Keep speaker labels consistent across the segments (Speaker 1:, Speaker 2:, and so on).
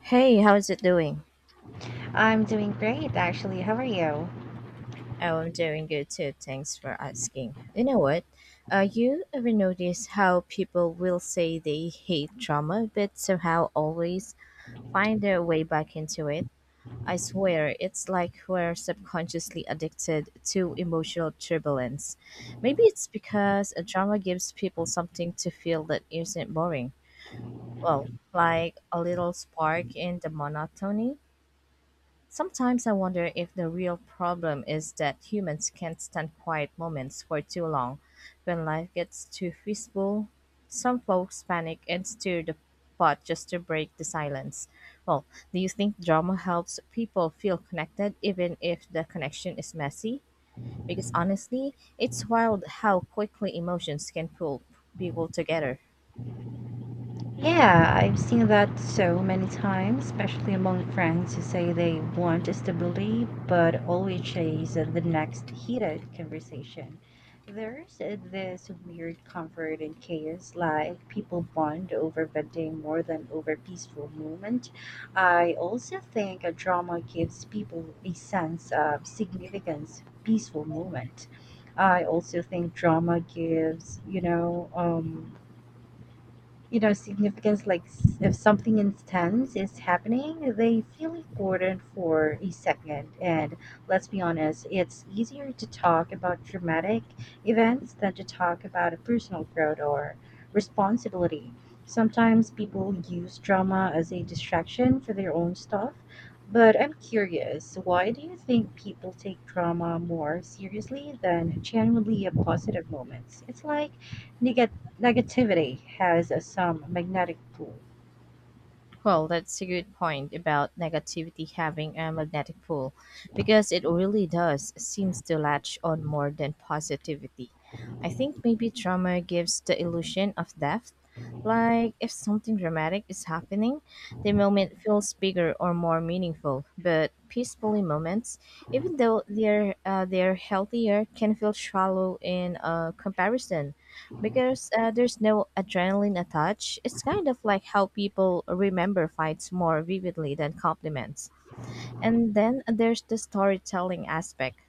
Speaker 1: Hey, how's it doing?
Speaker 2: I'm doing great, actually. How are you?
Speaker 1: Oh, I'm doing good too. Thanks for asking. You know what? You ever notice how people will say they hate drama, but somehow always find their way back into it? I swear, it's like we're subconsciously addicted to emotional turbulence. Maybe it's because a drama gives people something to feel that isn't boring. Well, like a little spark in the monotony. Sometimes I wonder if the real problem is that humans can't stand quiet moments for too long. When life gets too peaceful, some folks panic and stir the pot just to break the silence. Well, do you think drama helps people feel connected even if the connection is messy? Because honestly, it's wild how quickly emotions can pull people together.
Speaker 2: Yeah, I've seen that so many times, especially among friends who say they want stability but always chase the next heated conversation. There's this weird comfort in chaos, like people bond over venting more than over peaceful moment. I also think a drama gives people a sense of significance, peaceful moment. I also think drama gives, significance. Like If something intense is happening, they feel important for a second. And let's be honest, it's easier to talk about dramatic events than to talk about a personal growth or responsibility. Sometimes people use drama as a distraction for their own stuff, but I'm curious, why do you think people take drama more seriously than genuinely positive moments? It's like negativity has some magnetic pull.
Speaker 1: Well, that's a good point about negativity having a magnetic pull because it really does seems to latch on more than positivity. I think maybe trauma gives the illusion of depth. Like if something dramatic is happening, the moment feels bigger or more meaningful. But peacefully moments, even though they're healthier, can feel shallow in comparison because there's no adrenaline attached. It's kind of like how people remember fights more vividly than compliments. And then there's the storytelling aspect.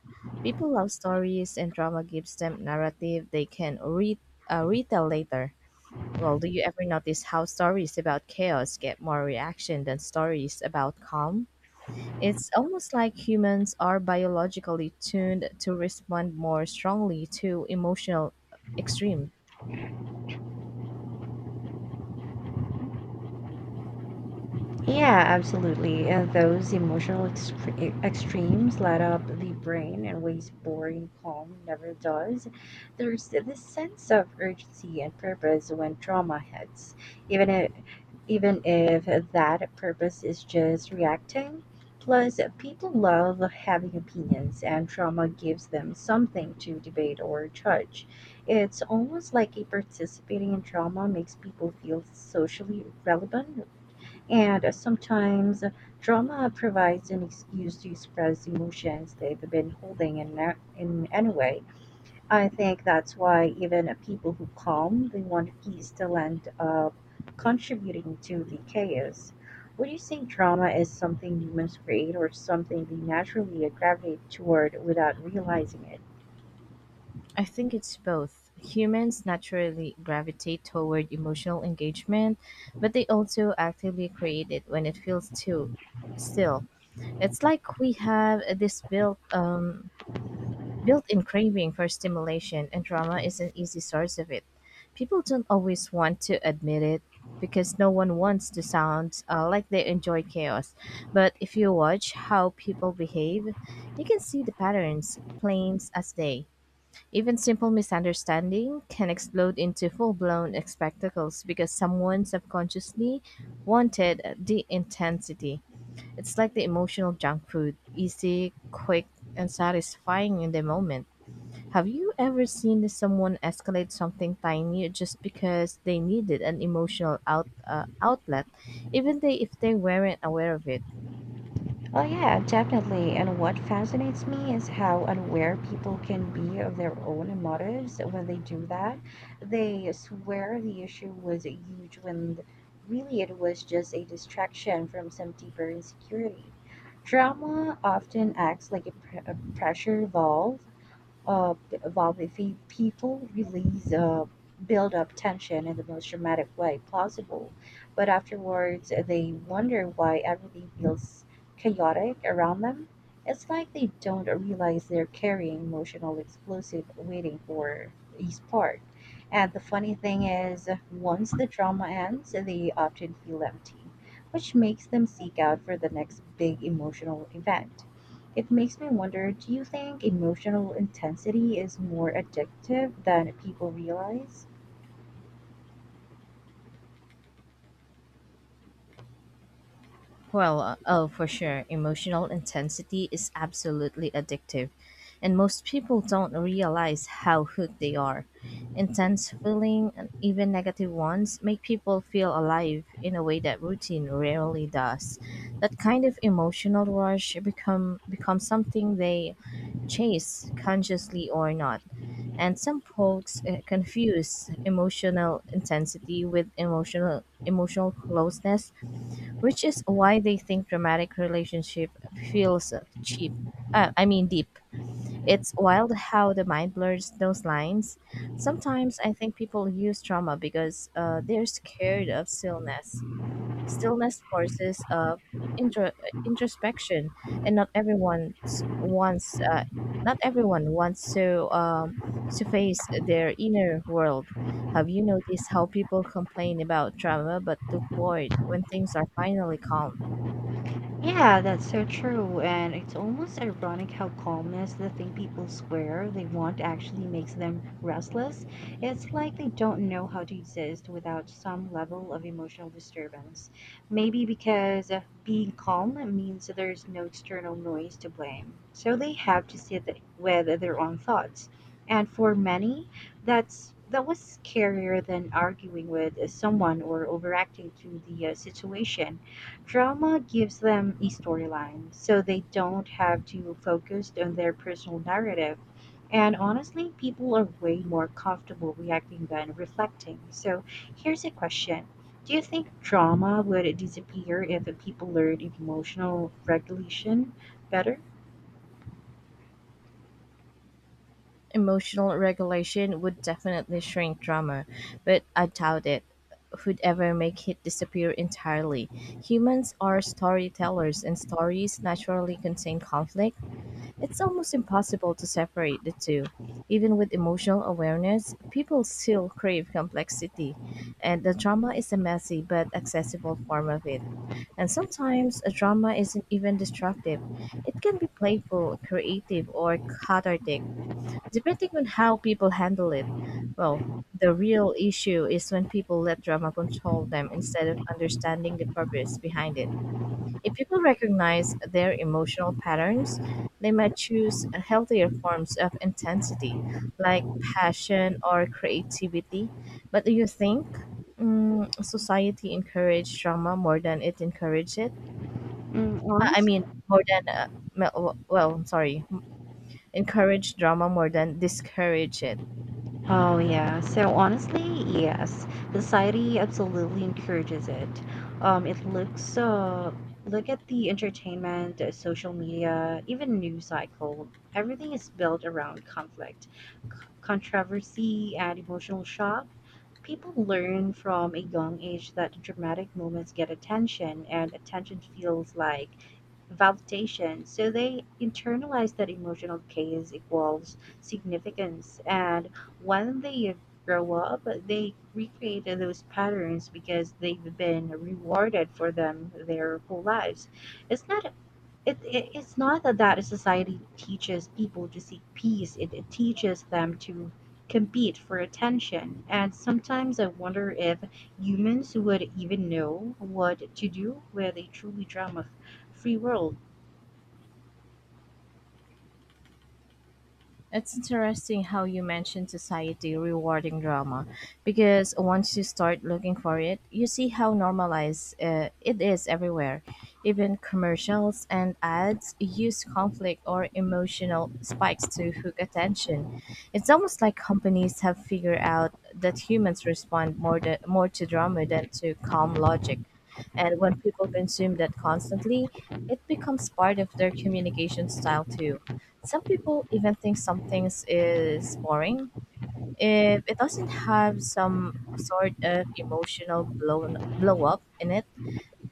Speaker 1: People love stories, and drama gives them narrative they can retell later. Well, do you ever notice how stories about chaos get more reaction than stories about calm? It's almost like humans are biologically tuned to respond more strongly to emotional extremes.
Speaker 2: Yeah, absolutely. Those emotional extremes light up the brain in ways boring calm never does. There's this sense of urgency and purpose when trauma hits, even if, even if that purpose is just reacting. Plus, people love having opinions, and trauma gives them something to debate or judge. It's almost like a participating in trauma makes people feel socially relevant, and sometimes drama provides an excuse to express emotions they've been holding in, in any way. I think that's why even people who calm they want peace still end up contributing to the chaos. Would you say drama is something humans create or something they naturally gravitate toward without realizing it?
Speaker 1: I think it's both. Humans naturally gravitate toward emotional engagement, but they also actively create it when it feels too still. It's like we have this built-in craving for stimulation, and drama is an easy source of it. People don't always want to admit it because no one wants to sound like they enjoy chaos. But if you watch how people behave, you can see the patterns plain as day. Even simple misunderstanding can explode into full-blown spectacles because someone subconsciously wanted the intensity. It's like the emotional junk food, easy, quick, and satisfying in the moment. Have you ever seen someone escalate something tiny just because they needed an emotional outlet, if they weren't aware of it?
Speaker 2: Oh yeah, definitely. And what fascinates me is how unaware people can be of their own motives when they do that. They swear the issue was huge when really it was just a distraction from some deeper insecurity. Drama often acts like a, a pressure valve. If we, people release build up tension in the most dramatic way possible, but afterwards they wonder why everything feels chaotic around them. It's like they don't realize they're carrying emotional explosive waiting for each part. And the funny thing is, once the drama ends, they often feel empty, which makes them seek out for the next big emotional event. It makes me wonder, do you think emotional intensity is more addictive than people realize?
Speaker 1: Well, oh, for sure. Emotional intensity is absolutely addictive, and most people don't realize how hooked they are. Intense feeling and even negative ones make people feel alive in a way that routine rarely does. That kind of emotional rush becomes something they chase consciously or not. And some folks confuse emotional intensity with emotional closeness, which is why they think dramatic relationship feels cheap. I mean deep. It's wild how the mind blurs those lines. Sometimes I think people use trauma because they're scared of stillness. Stillness forces intro- introspection, and wants uh, not everyone wants to face their inner world. Have you noticed how people complain about trauma but look bored when things are finally calm?
Speaker 2: Yeah, that's so true. And it's almost ironic how calmness, the thing people swear they want, actually makes them restless. It's like they don't know how to exist without some level of emotional disturbance. Maybe because being calm means there's no external noise to blame, so they have to sit with their own thoughts. And for many, that was scarier than arguing with someone or overreacting to the situation. Drama gives them a storyline, so they don't have to focus on their personal narrative. And honestly, people are way more comfortable reacting than reflecting. So here's a question. Do you think drama would disappear if people learned emotional regulation better?
Speaker 1: Emotional regulation would definitely shrink drama, but I doubt it would ever make it disappear entirely. Humans are storytellers, and stories naturally contain conflict. It's almost impossible to separate the two. Even with emotional awareness, people still crave complexity, and the drama is a messy but accessible form of it. And sometimes a drama isn't even destructive. It can be playful, creative, or cathartic depending on how people handle it. Well, the real issue is when people let drama control them instead of understanding the purpose behind it. If people recognize their emotional patterns, they might choose healthier forms of intensity, like passion or creativity. But do you think society encourages drama more than it encourages it?
Speaker 2: Mm,
Speaker 1: I mean,
Speaker 2: honestly.
Speaker 1: more than, me- well, sorry, encourage drama more than discourage it.
Speaker 2: Oh, yeah. So honestly, yes, society absolutely encourages it. Um, it looks uh, Look at the entertainment, social media, even news cycle. Everything is built around conflict, c- controversy, and emotional shock. People learn from a young age that dramatic moments get attention, and attention feels like validation. So they internalize that emotional case equals significance, and when they grow up, they recreate those patterns because they've been rewarded for them their whole lives. It's not it's not that society teaches people to seek peace. It teaches them to compete for attention. And sometimes I wonder if humans would even know what to do with a truly drum of free world.
Speaker 1: It's interesting how you mentioned society rewarding drama because once you start looking for it, you see how normalized it is everywhere. Even commercials and ads use conflict or emotional spikes to hook attention. It's almost like companies have figured out that humans respond more to drama than to calm logic. And when people consume that constantly, it becomes part of their communication style too. Some people even think some things is boring if it doesn't have some sort of emotional blow up in it.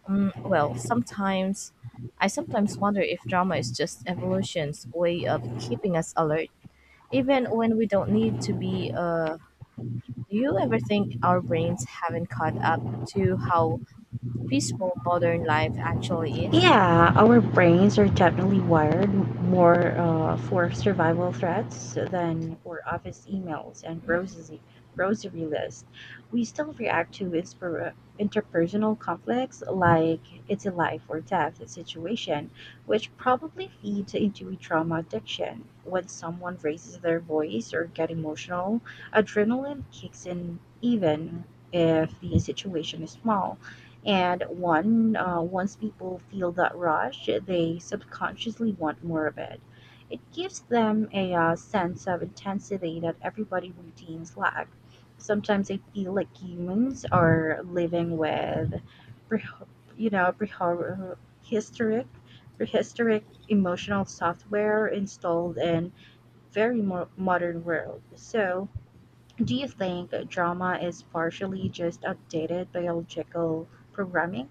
Speaker 1: Well, sometimes wonder if drama is just evolution's way of keeping us alert, even when we don't need to be. Do you ever think our brains haven't caught up to how peaceful modern life actually is?
Speaker 2: Yeah, our brains are definitely wired more for survival threats than for office emails and grocery lists. We still react to interpersonal conflicts like it's a life or death situation, which probably feeds into a trauma addiction. When someone raises their voice or get emotional, adrenaline kicks in even if the situation is small. And once people feel that rush, they subconsciously want more of it. It gives them a sense of intensity that everybody routines lack. Sometimes I feel like humans are living with, pre- you know, prehistoric, prehistoric emotional software installed in very modern world. So, do you think drama is partially just outdated biological programming?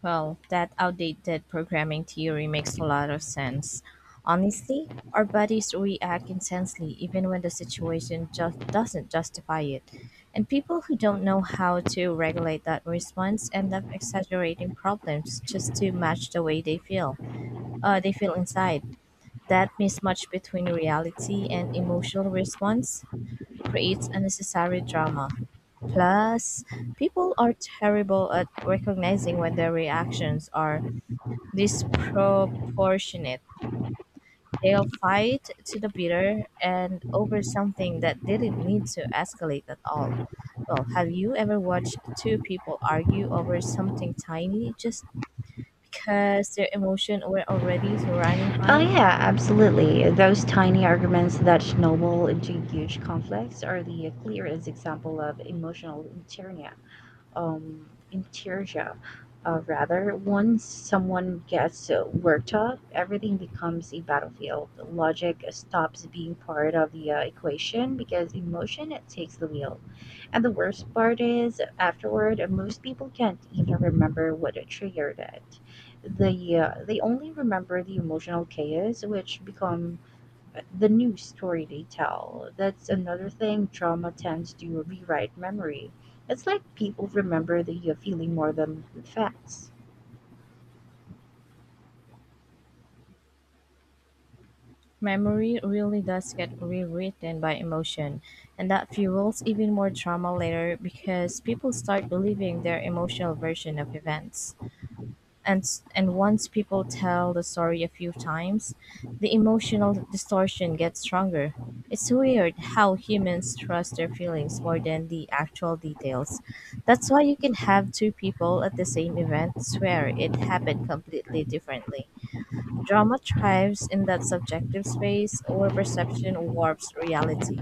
Speaker 1: Well, that outdated programming theory makes a lot of sense. Honestly, our bodies react intensely even when the situation just doesn't justify it. And people who don't know how to regulate that response end up exaggerating problems just to match the way they feel. They feel inside. That mismatch between reality and emotional response creates unnecessary drama. Plus, people are terrible at recognizing when their reactions are disproportionate. They'll fight to the bitter and over something that didn't need to escalate at all. Well, have you ever watched two people argue over something tiny just because their emotions were already running
Speaker 2: Oh
Speaker 1: high?
Speaker 2: yeah, absolutely. Those tiny arguments that snowball into huge conflicts are the clearest example of emotional interior inertia. Once someone gets worked up, everything becomes a battlefield. Logic stops being part of the equation because emotion it takes the wheel. And the worst part is, afterward, most people can't even remember what triggered it. They only remember the emotional chaos, which become the new story they tell. That's another thing. Trauma tends to rewrite memory. It's like people remember the feeling more than the facts.
Speaker 1: Memory really does get rewritten by emotion, and that fuels even more trauma later because people start believing their emotional version of events. And once people tell the story a few times, the emotional distortion gets stronger. It's weird how humans trust their feelings more than the actual details. That's why you can have two people at the same event swear it happened completely differently. Drama thrives in that subjective space where perception warps reality.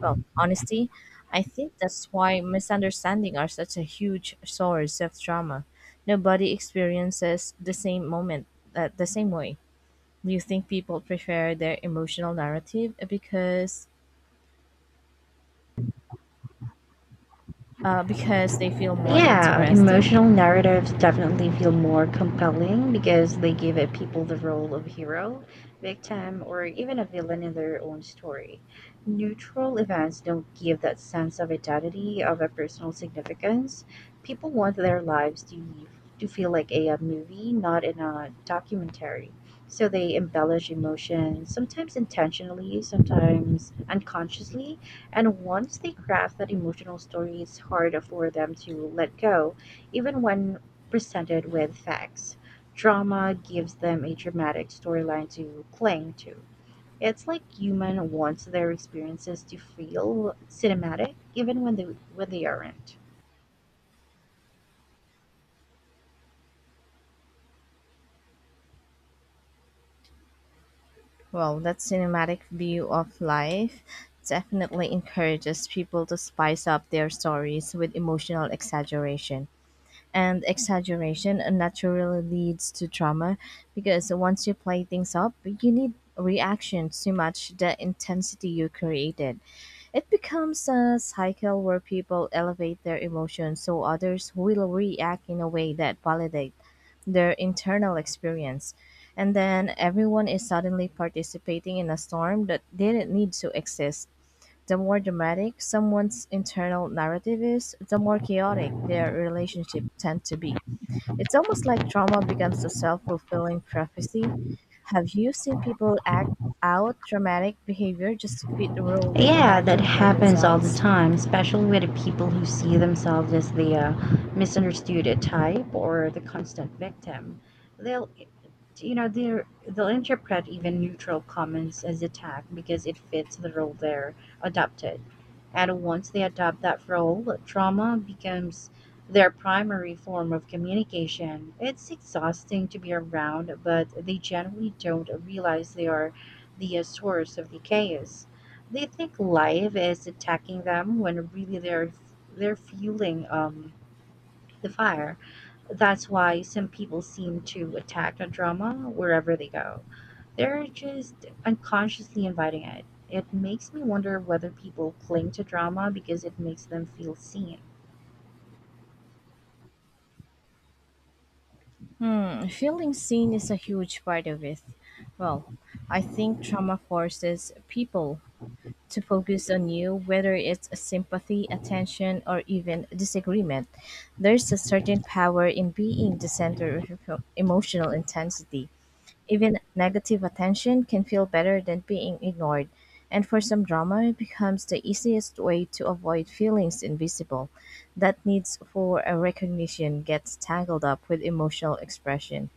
Speaker 1: Well, honesty, I think that's why misunderstandings are such a huge source of trauma. Nobody experiences the same moment the same way. Do you think people prefer their emotional narrative because they feel more
Speaker 2: Yeah,
Speaker 1: interesting?
Speaker 2: emotional narratives definitely feel more compelling because they give it people the role of hero, victim, or even a villain in their own story. Neutral events don't give that sense of identity, of a personal significance. People want their lives to feel like a, movie, not in a documentary. So they embellish emotions, sometimes intentionally, sometimes unconsciously, and once they craft that emotional story, it's hard for them to let go, even when presented with facts. Drama gives them a dramatic storyline to cling to. It's like human wants their experiences to feel cinematic, even when they aren't.
Speaker 1: Well, that cinematic view of life definitely encourages people to spice up their stories with emotional exaggeration. And exaggeration naturally leads to trauma because once you play things up, you need reactions to match the intensity you created. It becomes a cycle where people elevate their emotions so others will react in a way that validates their internal experience. And then everyone is suddenly participating in a storm that didn't need to exist. The more dramatic someone's internal narrative is, the more chaotic their relationship tend to be. It's almost like trauma becomes a self fulfilling prophecy. Have you seen people act out dramatic behavior just to fit the role they
Speaker 2: Yeah, that
Speaker 1: imagine for
Speaker 2: happens all the
Speaker 1: themselves?
Speaker 2: time, especially with the people who see themselves as the misunderstood type or the constant victim. They'll, they'll interpret even neutral comments as attack because it fits the role they're adopted. And once they adopt that role, trauma becomes their primary form of communication. It's exhausting to be around, but they generally don't realize they are the source of the chaos. They think life is attacking them when really they're fueling the fire. That's why some people seem to attack a drama wherever they go. They're just unconsciously inviting it. It makes me wonder whether people cling to drama because it makes them feel seen.
Speaker 1: Hmm, feeling seen is a huge part of it. Well, I think trauma forces people to focus on you, whether it's sympathy, attention, or even disagreement. There's a certain power in being the center of emotional intensity. Even negative attention can feel better than being ignored, and for some drama, it becomes the easiest way to avoid feelings invisible. That needs for a recognition gets tangled up with emotional expression,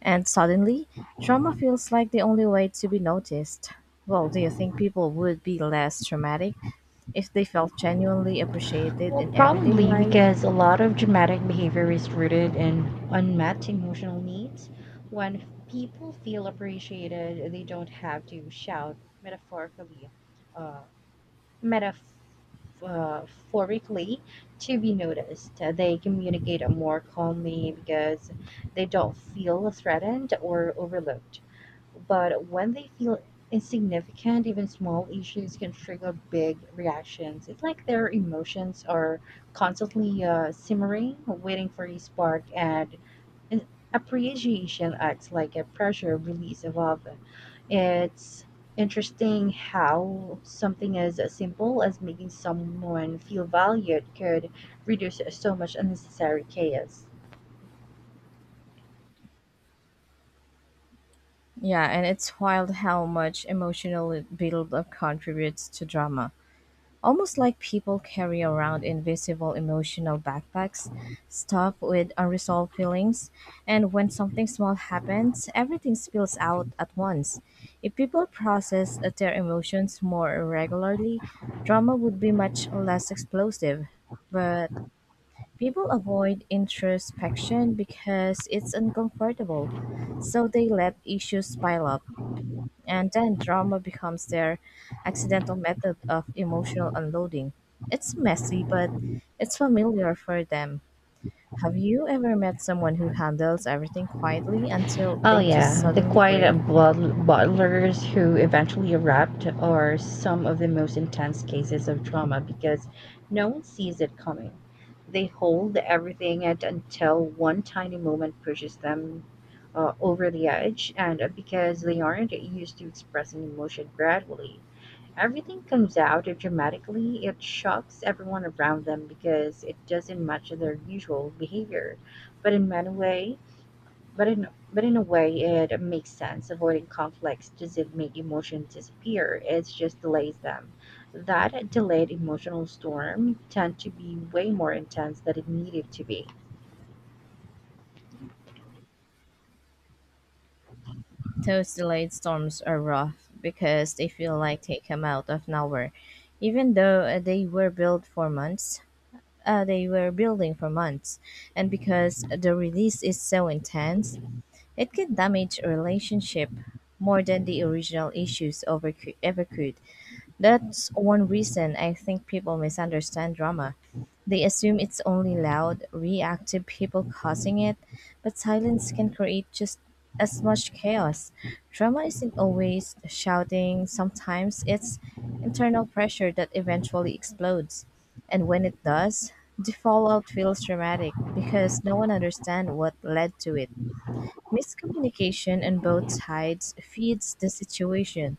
Speaker 1: and suddenly, drama feels like the only way to be noticed. Well, do you think people would be less traumatic if they felt genuinely appreciated
Speaker 2: Well,
Speaker 1: in everyday
Speaker 2: probably
Speaker 1: life?
Speaker 2: because a lot of dramatic behavior is rooted in unmet emotional needs. When people feel appreciated, they don't have to shout metaphorically. uh, metaphorically to be noticed. They communicate more calmly because they don't feel threatened or overlooked. But when they feel insignificant, even small issues can trigger big reactions. It's like their emotions are constantly simmering, waiting for a spark, and appreciation acts like a pressure release valve. It's interesting how something as simple as making someone feel valued could reduce so much unnecessary chaos.
Speaker 1: Yeah, and it's wild how much emotional buildup contributes to drama. Almost like people carry around invisible emotional backpacks, stuffed with unresolved feelings, and when something small happens, everything spills out at once. If people process their emotions more regularly, drama would be much less explosive. But people avoid introspection because it's uncomfortable, so they let issues pile up and then drama becomes their accidental method of emotional unloading. It's messy, but it's familiar for them. Have you ever met someone who handles everything quietly until
Speaker 2: Oh
Speaker 1: they just
Speaker 2: yeah, the
Speaker 1: suddenly
Speaker 2: quiet
Speaker 1: break?
Speaker 2: butlers who eventually erupt are some of the most intense cases of trauma because no one sees it coming. They hold everything at until one tiny moment pushes them over the edge, and because they aren't used to expressing emotion gradually, everything comes out dramatically. It shocks everyone around them because it doesn't match their usual behavior. But in many ways, but in but in a way, it makes sense. Avoiding conflicts doesn't make emotions disappear. It just delays them. That delayed emotional storm tend to be way more intense than it needed to be.
Speaker 1: Those delayed storms are rough because they feel like they come out of nowhere, even though they were built for months. They were building for months, and because the release is so intense, it can damage a relationship more than the original issues ever could. That's one reason I think people misunderstand drama. They assume it's only loud, reactive people causing it, but silence can create just as much chaos. Drama isn't always shouting, sometimes it's internal pressure that eventually explodes. And when it does, the fallout feels dramatic because no one understands what led to it. Miscommunication on both sides feeds the situation.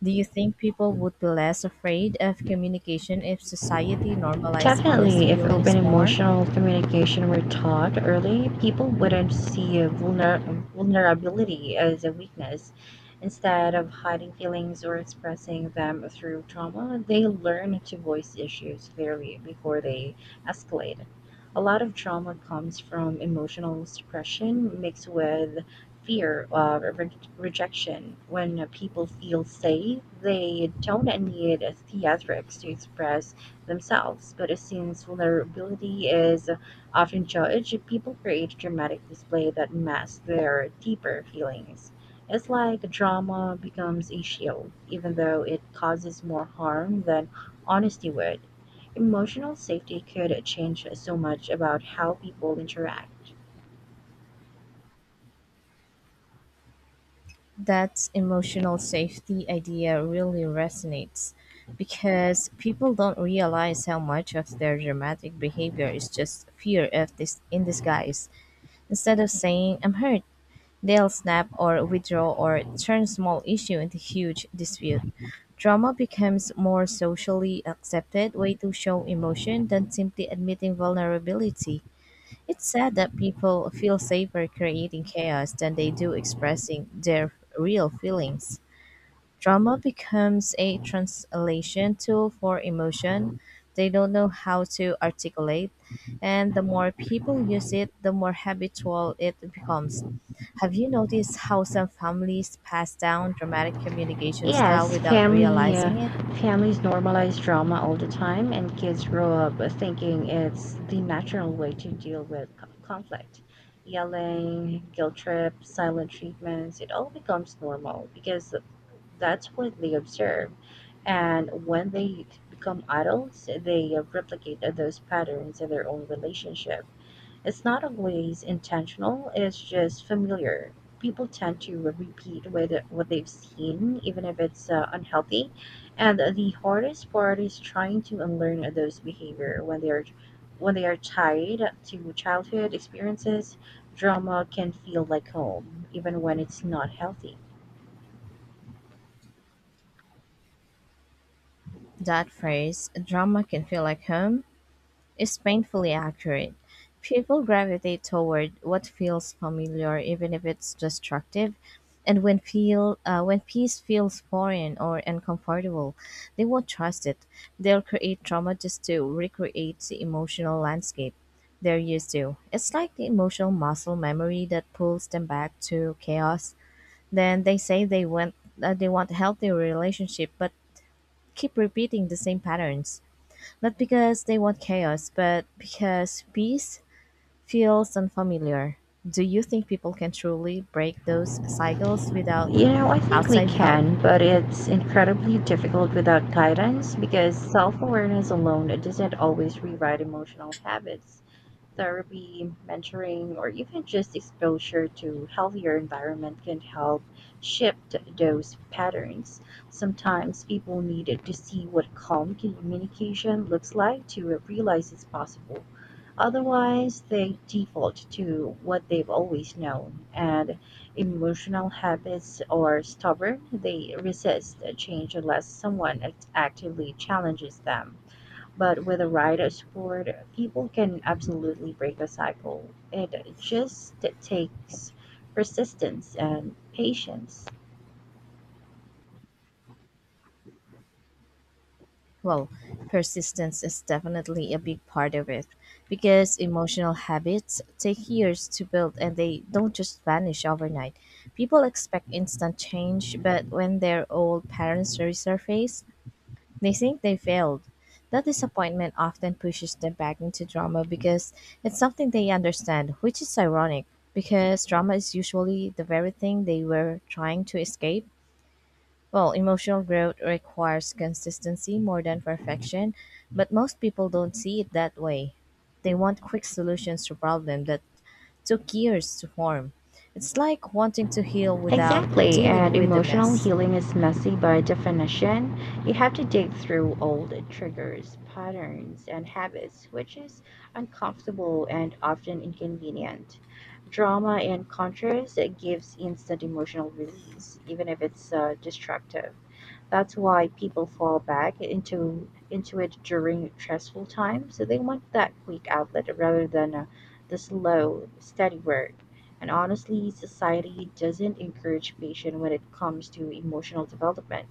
Speaker 1: Do you think people would be less afraid of communication if society normalized honest
Speaker 2: Definitely, if open
Speaker 1: feelings more?
Speaker 2: emotional communication were taught early, people wouldn't see a vulnerability as a weakness. Instead of hiding feelings or expressing them through trauma, they learn to voice issues clearly before they escalate. A lot of trauma comes from emotional suppression mixed with fear of rejection. When people feel safe, they don't need theatrics to express themselves, but since vulnerability is often judged, people create dramatic display that mask their deeper feelings. It's like drama becomes a shield, even though it causes more harm than honesty would. Emotional safety could change so much about how people interact.
Speaker 1: That emotional safety idea really resonates because people don't realize how much of their dramatic behavior is just fear of this in disguise. Instead of saying I'm hurt, they'll snap or withdraw or turn small issue into huge dispute. Drama becomes more socially accepted way to show emotion than simply admitting vulnerability. It's sad that people feel safer creating chaos than they do expressing their real feelings. Drama becomes a translation tool for emotion they don't know how to articulate, and the more people use it, the more habitual it becomes. Have you noticed how some families pass down dramatic communication style
Speaker 2: Yes,
Speaker 1: without
Speaker 2: family
Speaker 1: realizing it?
Speaker 2: families normalize drama all the time, and kids grow up thinking it's the natural way to deal with conflict. Yelling, guilt trips, silent treatments, it all becomes normal because that's what they observe. And when they become adults, they replicate those patterns in their own relationship. It's not always intentional, it's just familiar. People tend to repeat with what they've seen, even if it's unhealthy. And the hardest part is trying to unlearn those behavior when they are tied to childhood experiences. Drama can feel like home, even when it's not healthy.
Speaker 1: That phrase, "drama can feel like home," is painfully accurate. People gravitate toward what feels familiar, even if it's destructive. And when peace feels foreign or uncomfortable, they won't trust it. They'll create trauma just to recreate the emotional landscape they're used to. It's like the emotional muscle memory that pulls them back to chaos. Then they say they want healthy relationship, but keep repeating the same patterns. Not because they want chaos, but because peace feels unfamiliar. Do you think people can truly break those cycles without
Speaker 2: You know, I think we
Speaker 1: outside help?
Speaker 2: can, but it's incredibly difficult without guidance because self awareness alone doesn't always rewrite emotional habits. Therapy, mentoring, or even just exposure to healthier environment can help shift those patterns. Sometimes people need to see what calm communication looks like to realize it's possible. Otherwise, they default to what they've always known, and emotional habits are stubborn. They resist change unless someone actively challenges them. But with a rider sport, people can absolutely break the cycle. It just takes persistence and patience.
Speaker 1: Well, persistence is definitely a big part of it because emotional habits take years to build and they don't just vanish overnight. People expect instant change, but when their old patterns resurface, they think they failed. That disappointment often pushes them back into drama because it's something they understand, which is ironic because drama is usually the very thing they were trying to escape. Well, emotional growth requires consistency more than perfection, but most people don't see it that way. They want quick solutions to problems that took years to form. It's like wanting to heal without
Speaker 2: Exactly,
Speaker 1: dealing
Speaker 2: and
Speaker 1: with the
Speaker 2: emotional
Speaker 1: mess.
Speaker 2: healing is messy by definition. You have to dig through old triggers, patterns, and habits, which is uncomfortable and often inconvenient. Drama, in contrast, it gives instant emotional release, even if it's destructive. That's why people fall back into it during stressful times. So they want that quick outlet rather than the slow, steady work. And honestly, society doesn't encourage patience when it comes to emotional development.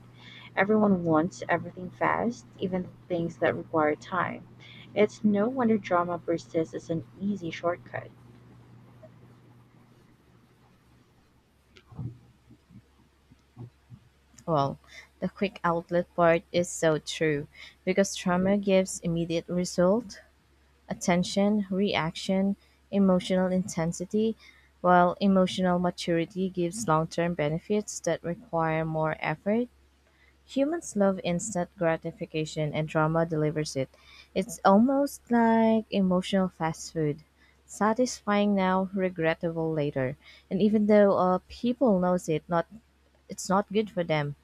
Speaker 2: Everyone wants everything fast, even things that require time. It's no wonder drama persists as an easy shortcut.
Speaker 1: Well, the quick outlet part is so true because trauma gives immediate result, attention, reaction, emotional intensity, while emotional maturity gives long-term benefits that require more effort. Humans love instant gratification and drama delivers it. It's almost like emotional fast food. Satisfying now, regrettable later. And even though people knows it, not it's not good for them,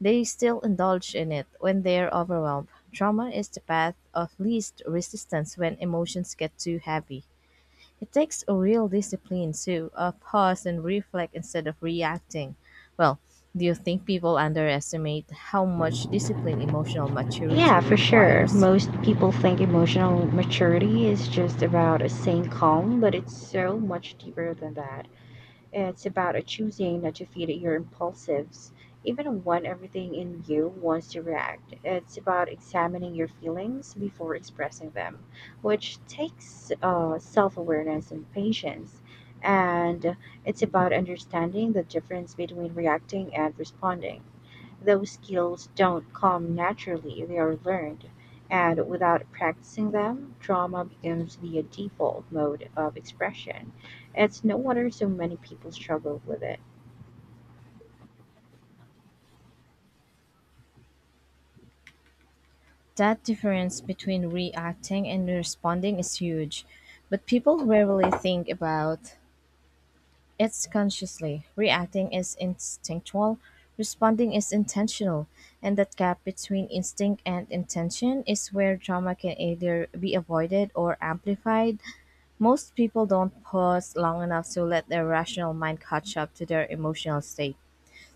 Speaker 1: they still indulge in it when they're overwhelmed. Trauma is the path of least resistance when emotions get too heavy. It takes a real discipline to pause and reflect instead of reacting. Well, do you think people underestimate how much discipline emotional
Speaker 2: Yeah,
Speaker 1: maturity
Speaker 2: for sure.
Speaker 1: requires?
Speaker 2: Most people think emotional maturity is just about a staying calm, but it's so much deeper than that. It's about a choosing not to feed your impulsives, even when everything in you wants to react. It's about examining your feelings before expressing them, which takes self awareness and patience. And it's about understanding the difference between reacting and responding. Those skills don't come naturally, they are learned. And without practicing them, trauma becomes the default mode of expression. It's no wonder so many people struggle with it.
Speaker 1: That difference between reacting and responding is huge, but people rarely think about it's consciously. Reacting is instinctual, responding is intentional, and that gap between instinct and intention is where trauma can either be avoided or amplified. Most people don't pause long enough to let their rational mind catch up to their emotional state.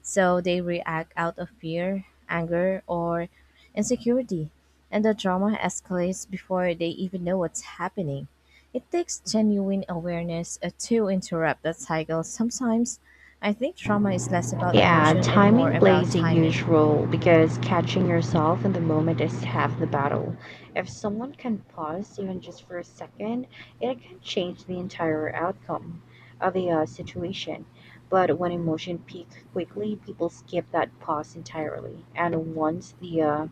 Speaker 1: So they react out of fear, anger, or insecurity, and the drama escalates before they even know what's happening. It takes genuine awareness to interrupt that cycle. Sometimes I think trauma is less about
Speaker 2: Yeah,
Speaker 1: emotion and more
Speaker 2: timing
Speaker 1: about
Speaker 2: plays a huge
Speaker 1: timing.
Speaker 2: role because catching yourself in the moment is half the battle. If someone can pause even just for a second, it can change the entire outcome of a situation. But when emotion peak quickly, people skip that pause entirely. And once the uh,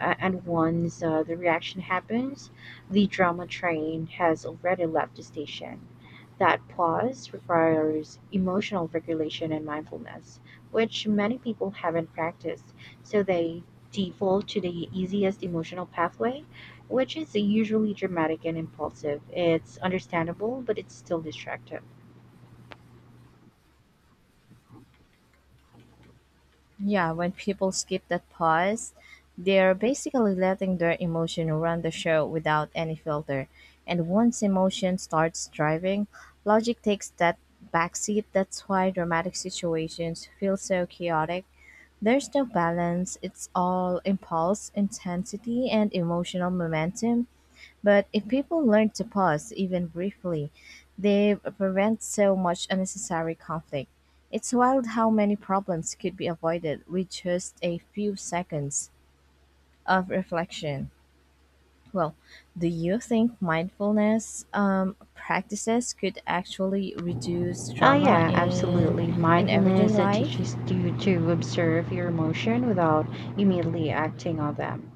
Speaker 2: Uh, and once uh, the reaction happens, the drama train has already left the station. That pause requires emotional regulation and mindfulness, which many people haven't practiced, so they default to the easiest emotional pathway, which is usually dramatic and impulsive. It's understandable, but it's still destructive.
Speaker 1: Yeah, when people skip that pause, they're basically letting their emotion run the show without any filter. And once emotion starts driving, logic takes that backseat. That's why dramatic situations feel so chaotic. There's no balance, it's all impulse, intensity, and emotional momentum. But if people learn to pause, even briefly, they prevent so much unnecessary conflict. It's wild how many problems could be avoided with just a few seconds of reflection. Well, do you think mindfulness practices could actually reduce
Speaker 2: Oh,
Speaker 1: trauma
Speaker 2: yeah, absolutely.
Speaker 1: in everyday
Speaker 2: Mindfulness that
Speaker 1: life?
Speaker 2: teaches you to observe your emotion without immediately acting on them.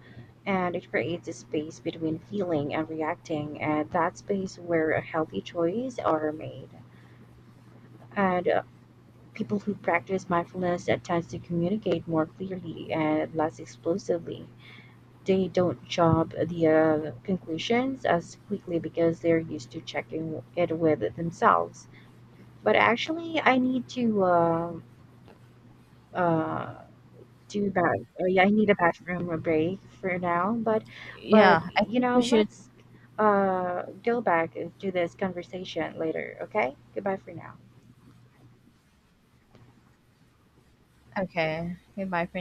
Speaker 2: And it creates a space between feeling and reacting, and that space where a healthy choices are made. And People who practice mindfulness that tends to communicate more clearly and less explosively. They don't jump the conclusions as quickly because they're used to checking it with themselves, but actually I need to uh do that. Yeah, I need a bathroom a break for now, but
Speaker 1: Yeah, I
Speaker 2: you
Speaker 1: think
Speaker 2: know,
Speaker 1: we should.
Speaker 2: let's go back to this conversation later. Okay, goodbye for now.
Speaker 1: Okay, goodbye for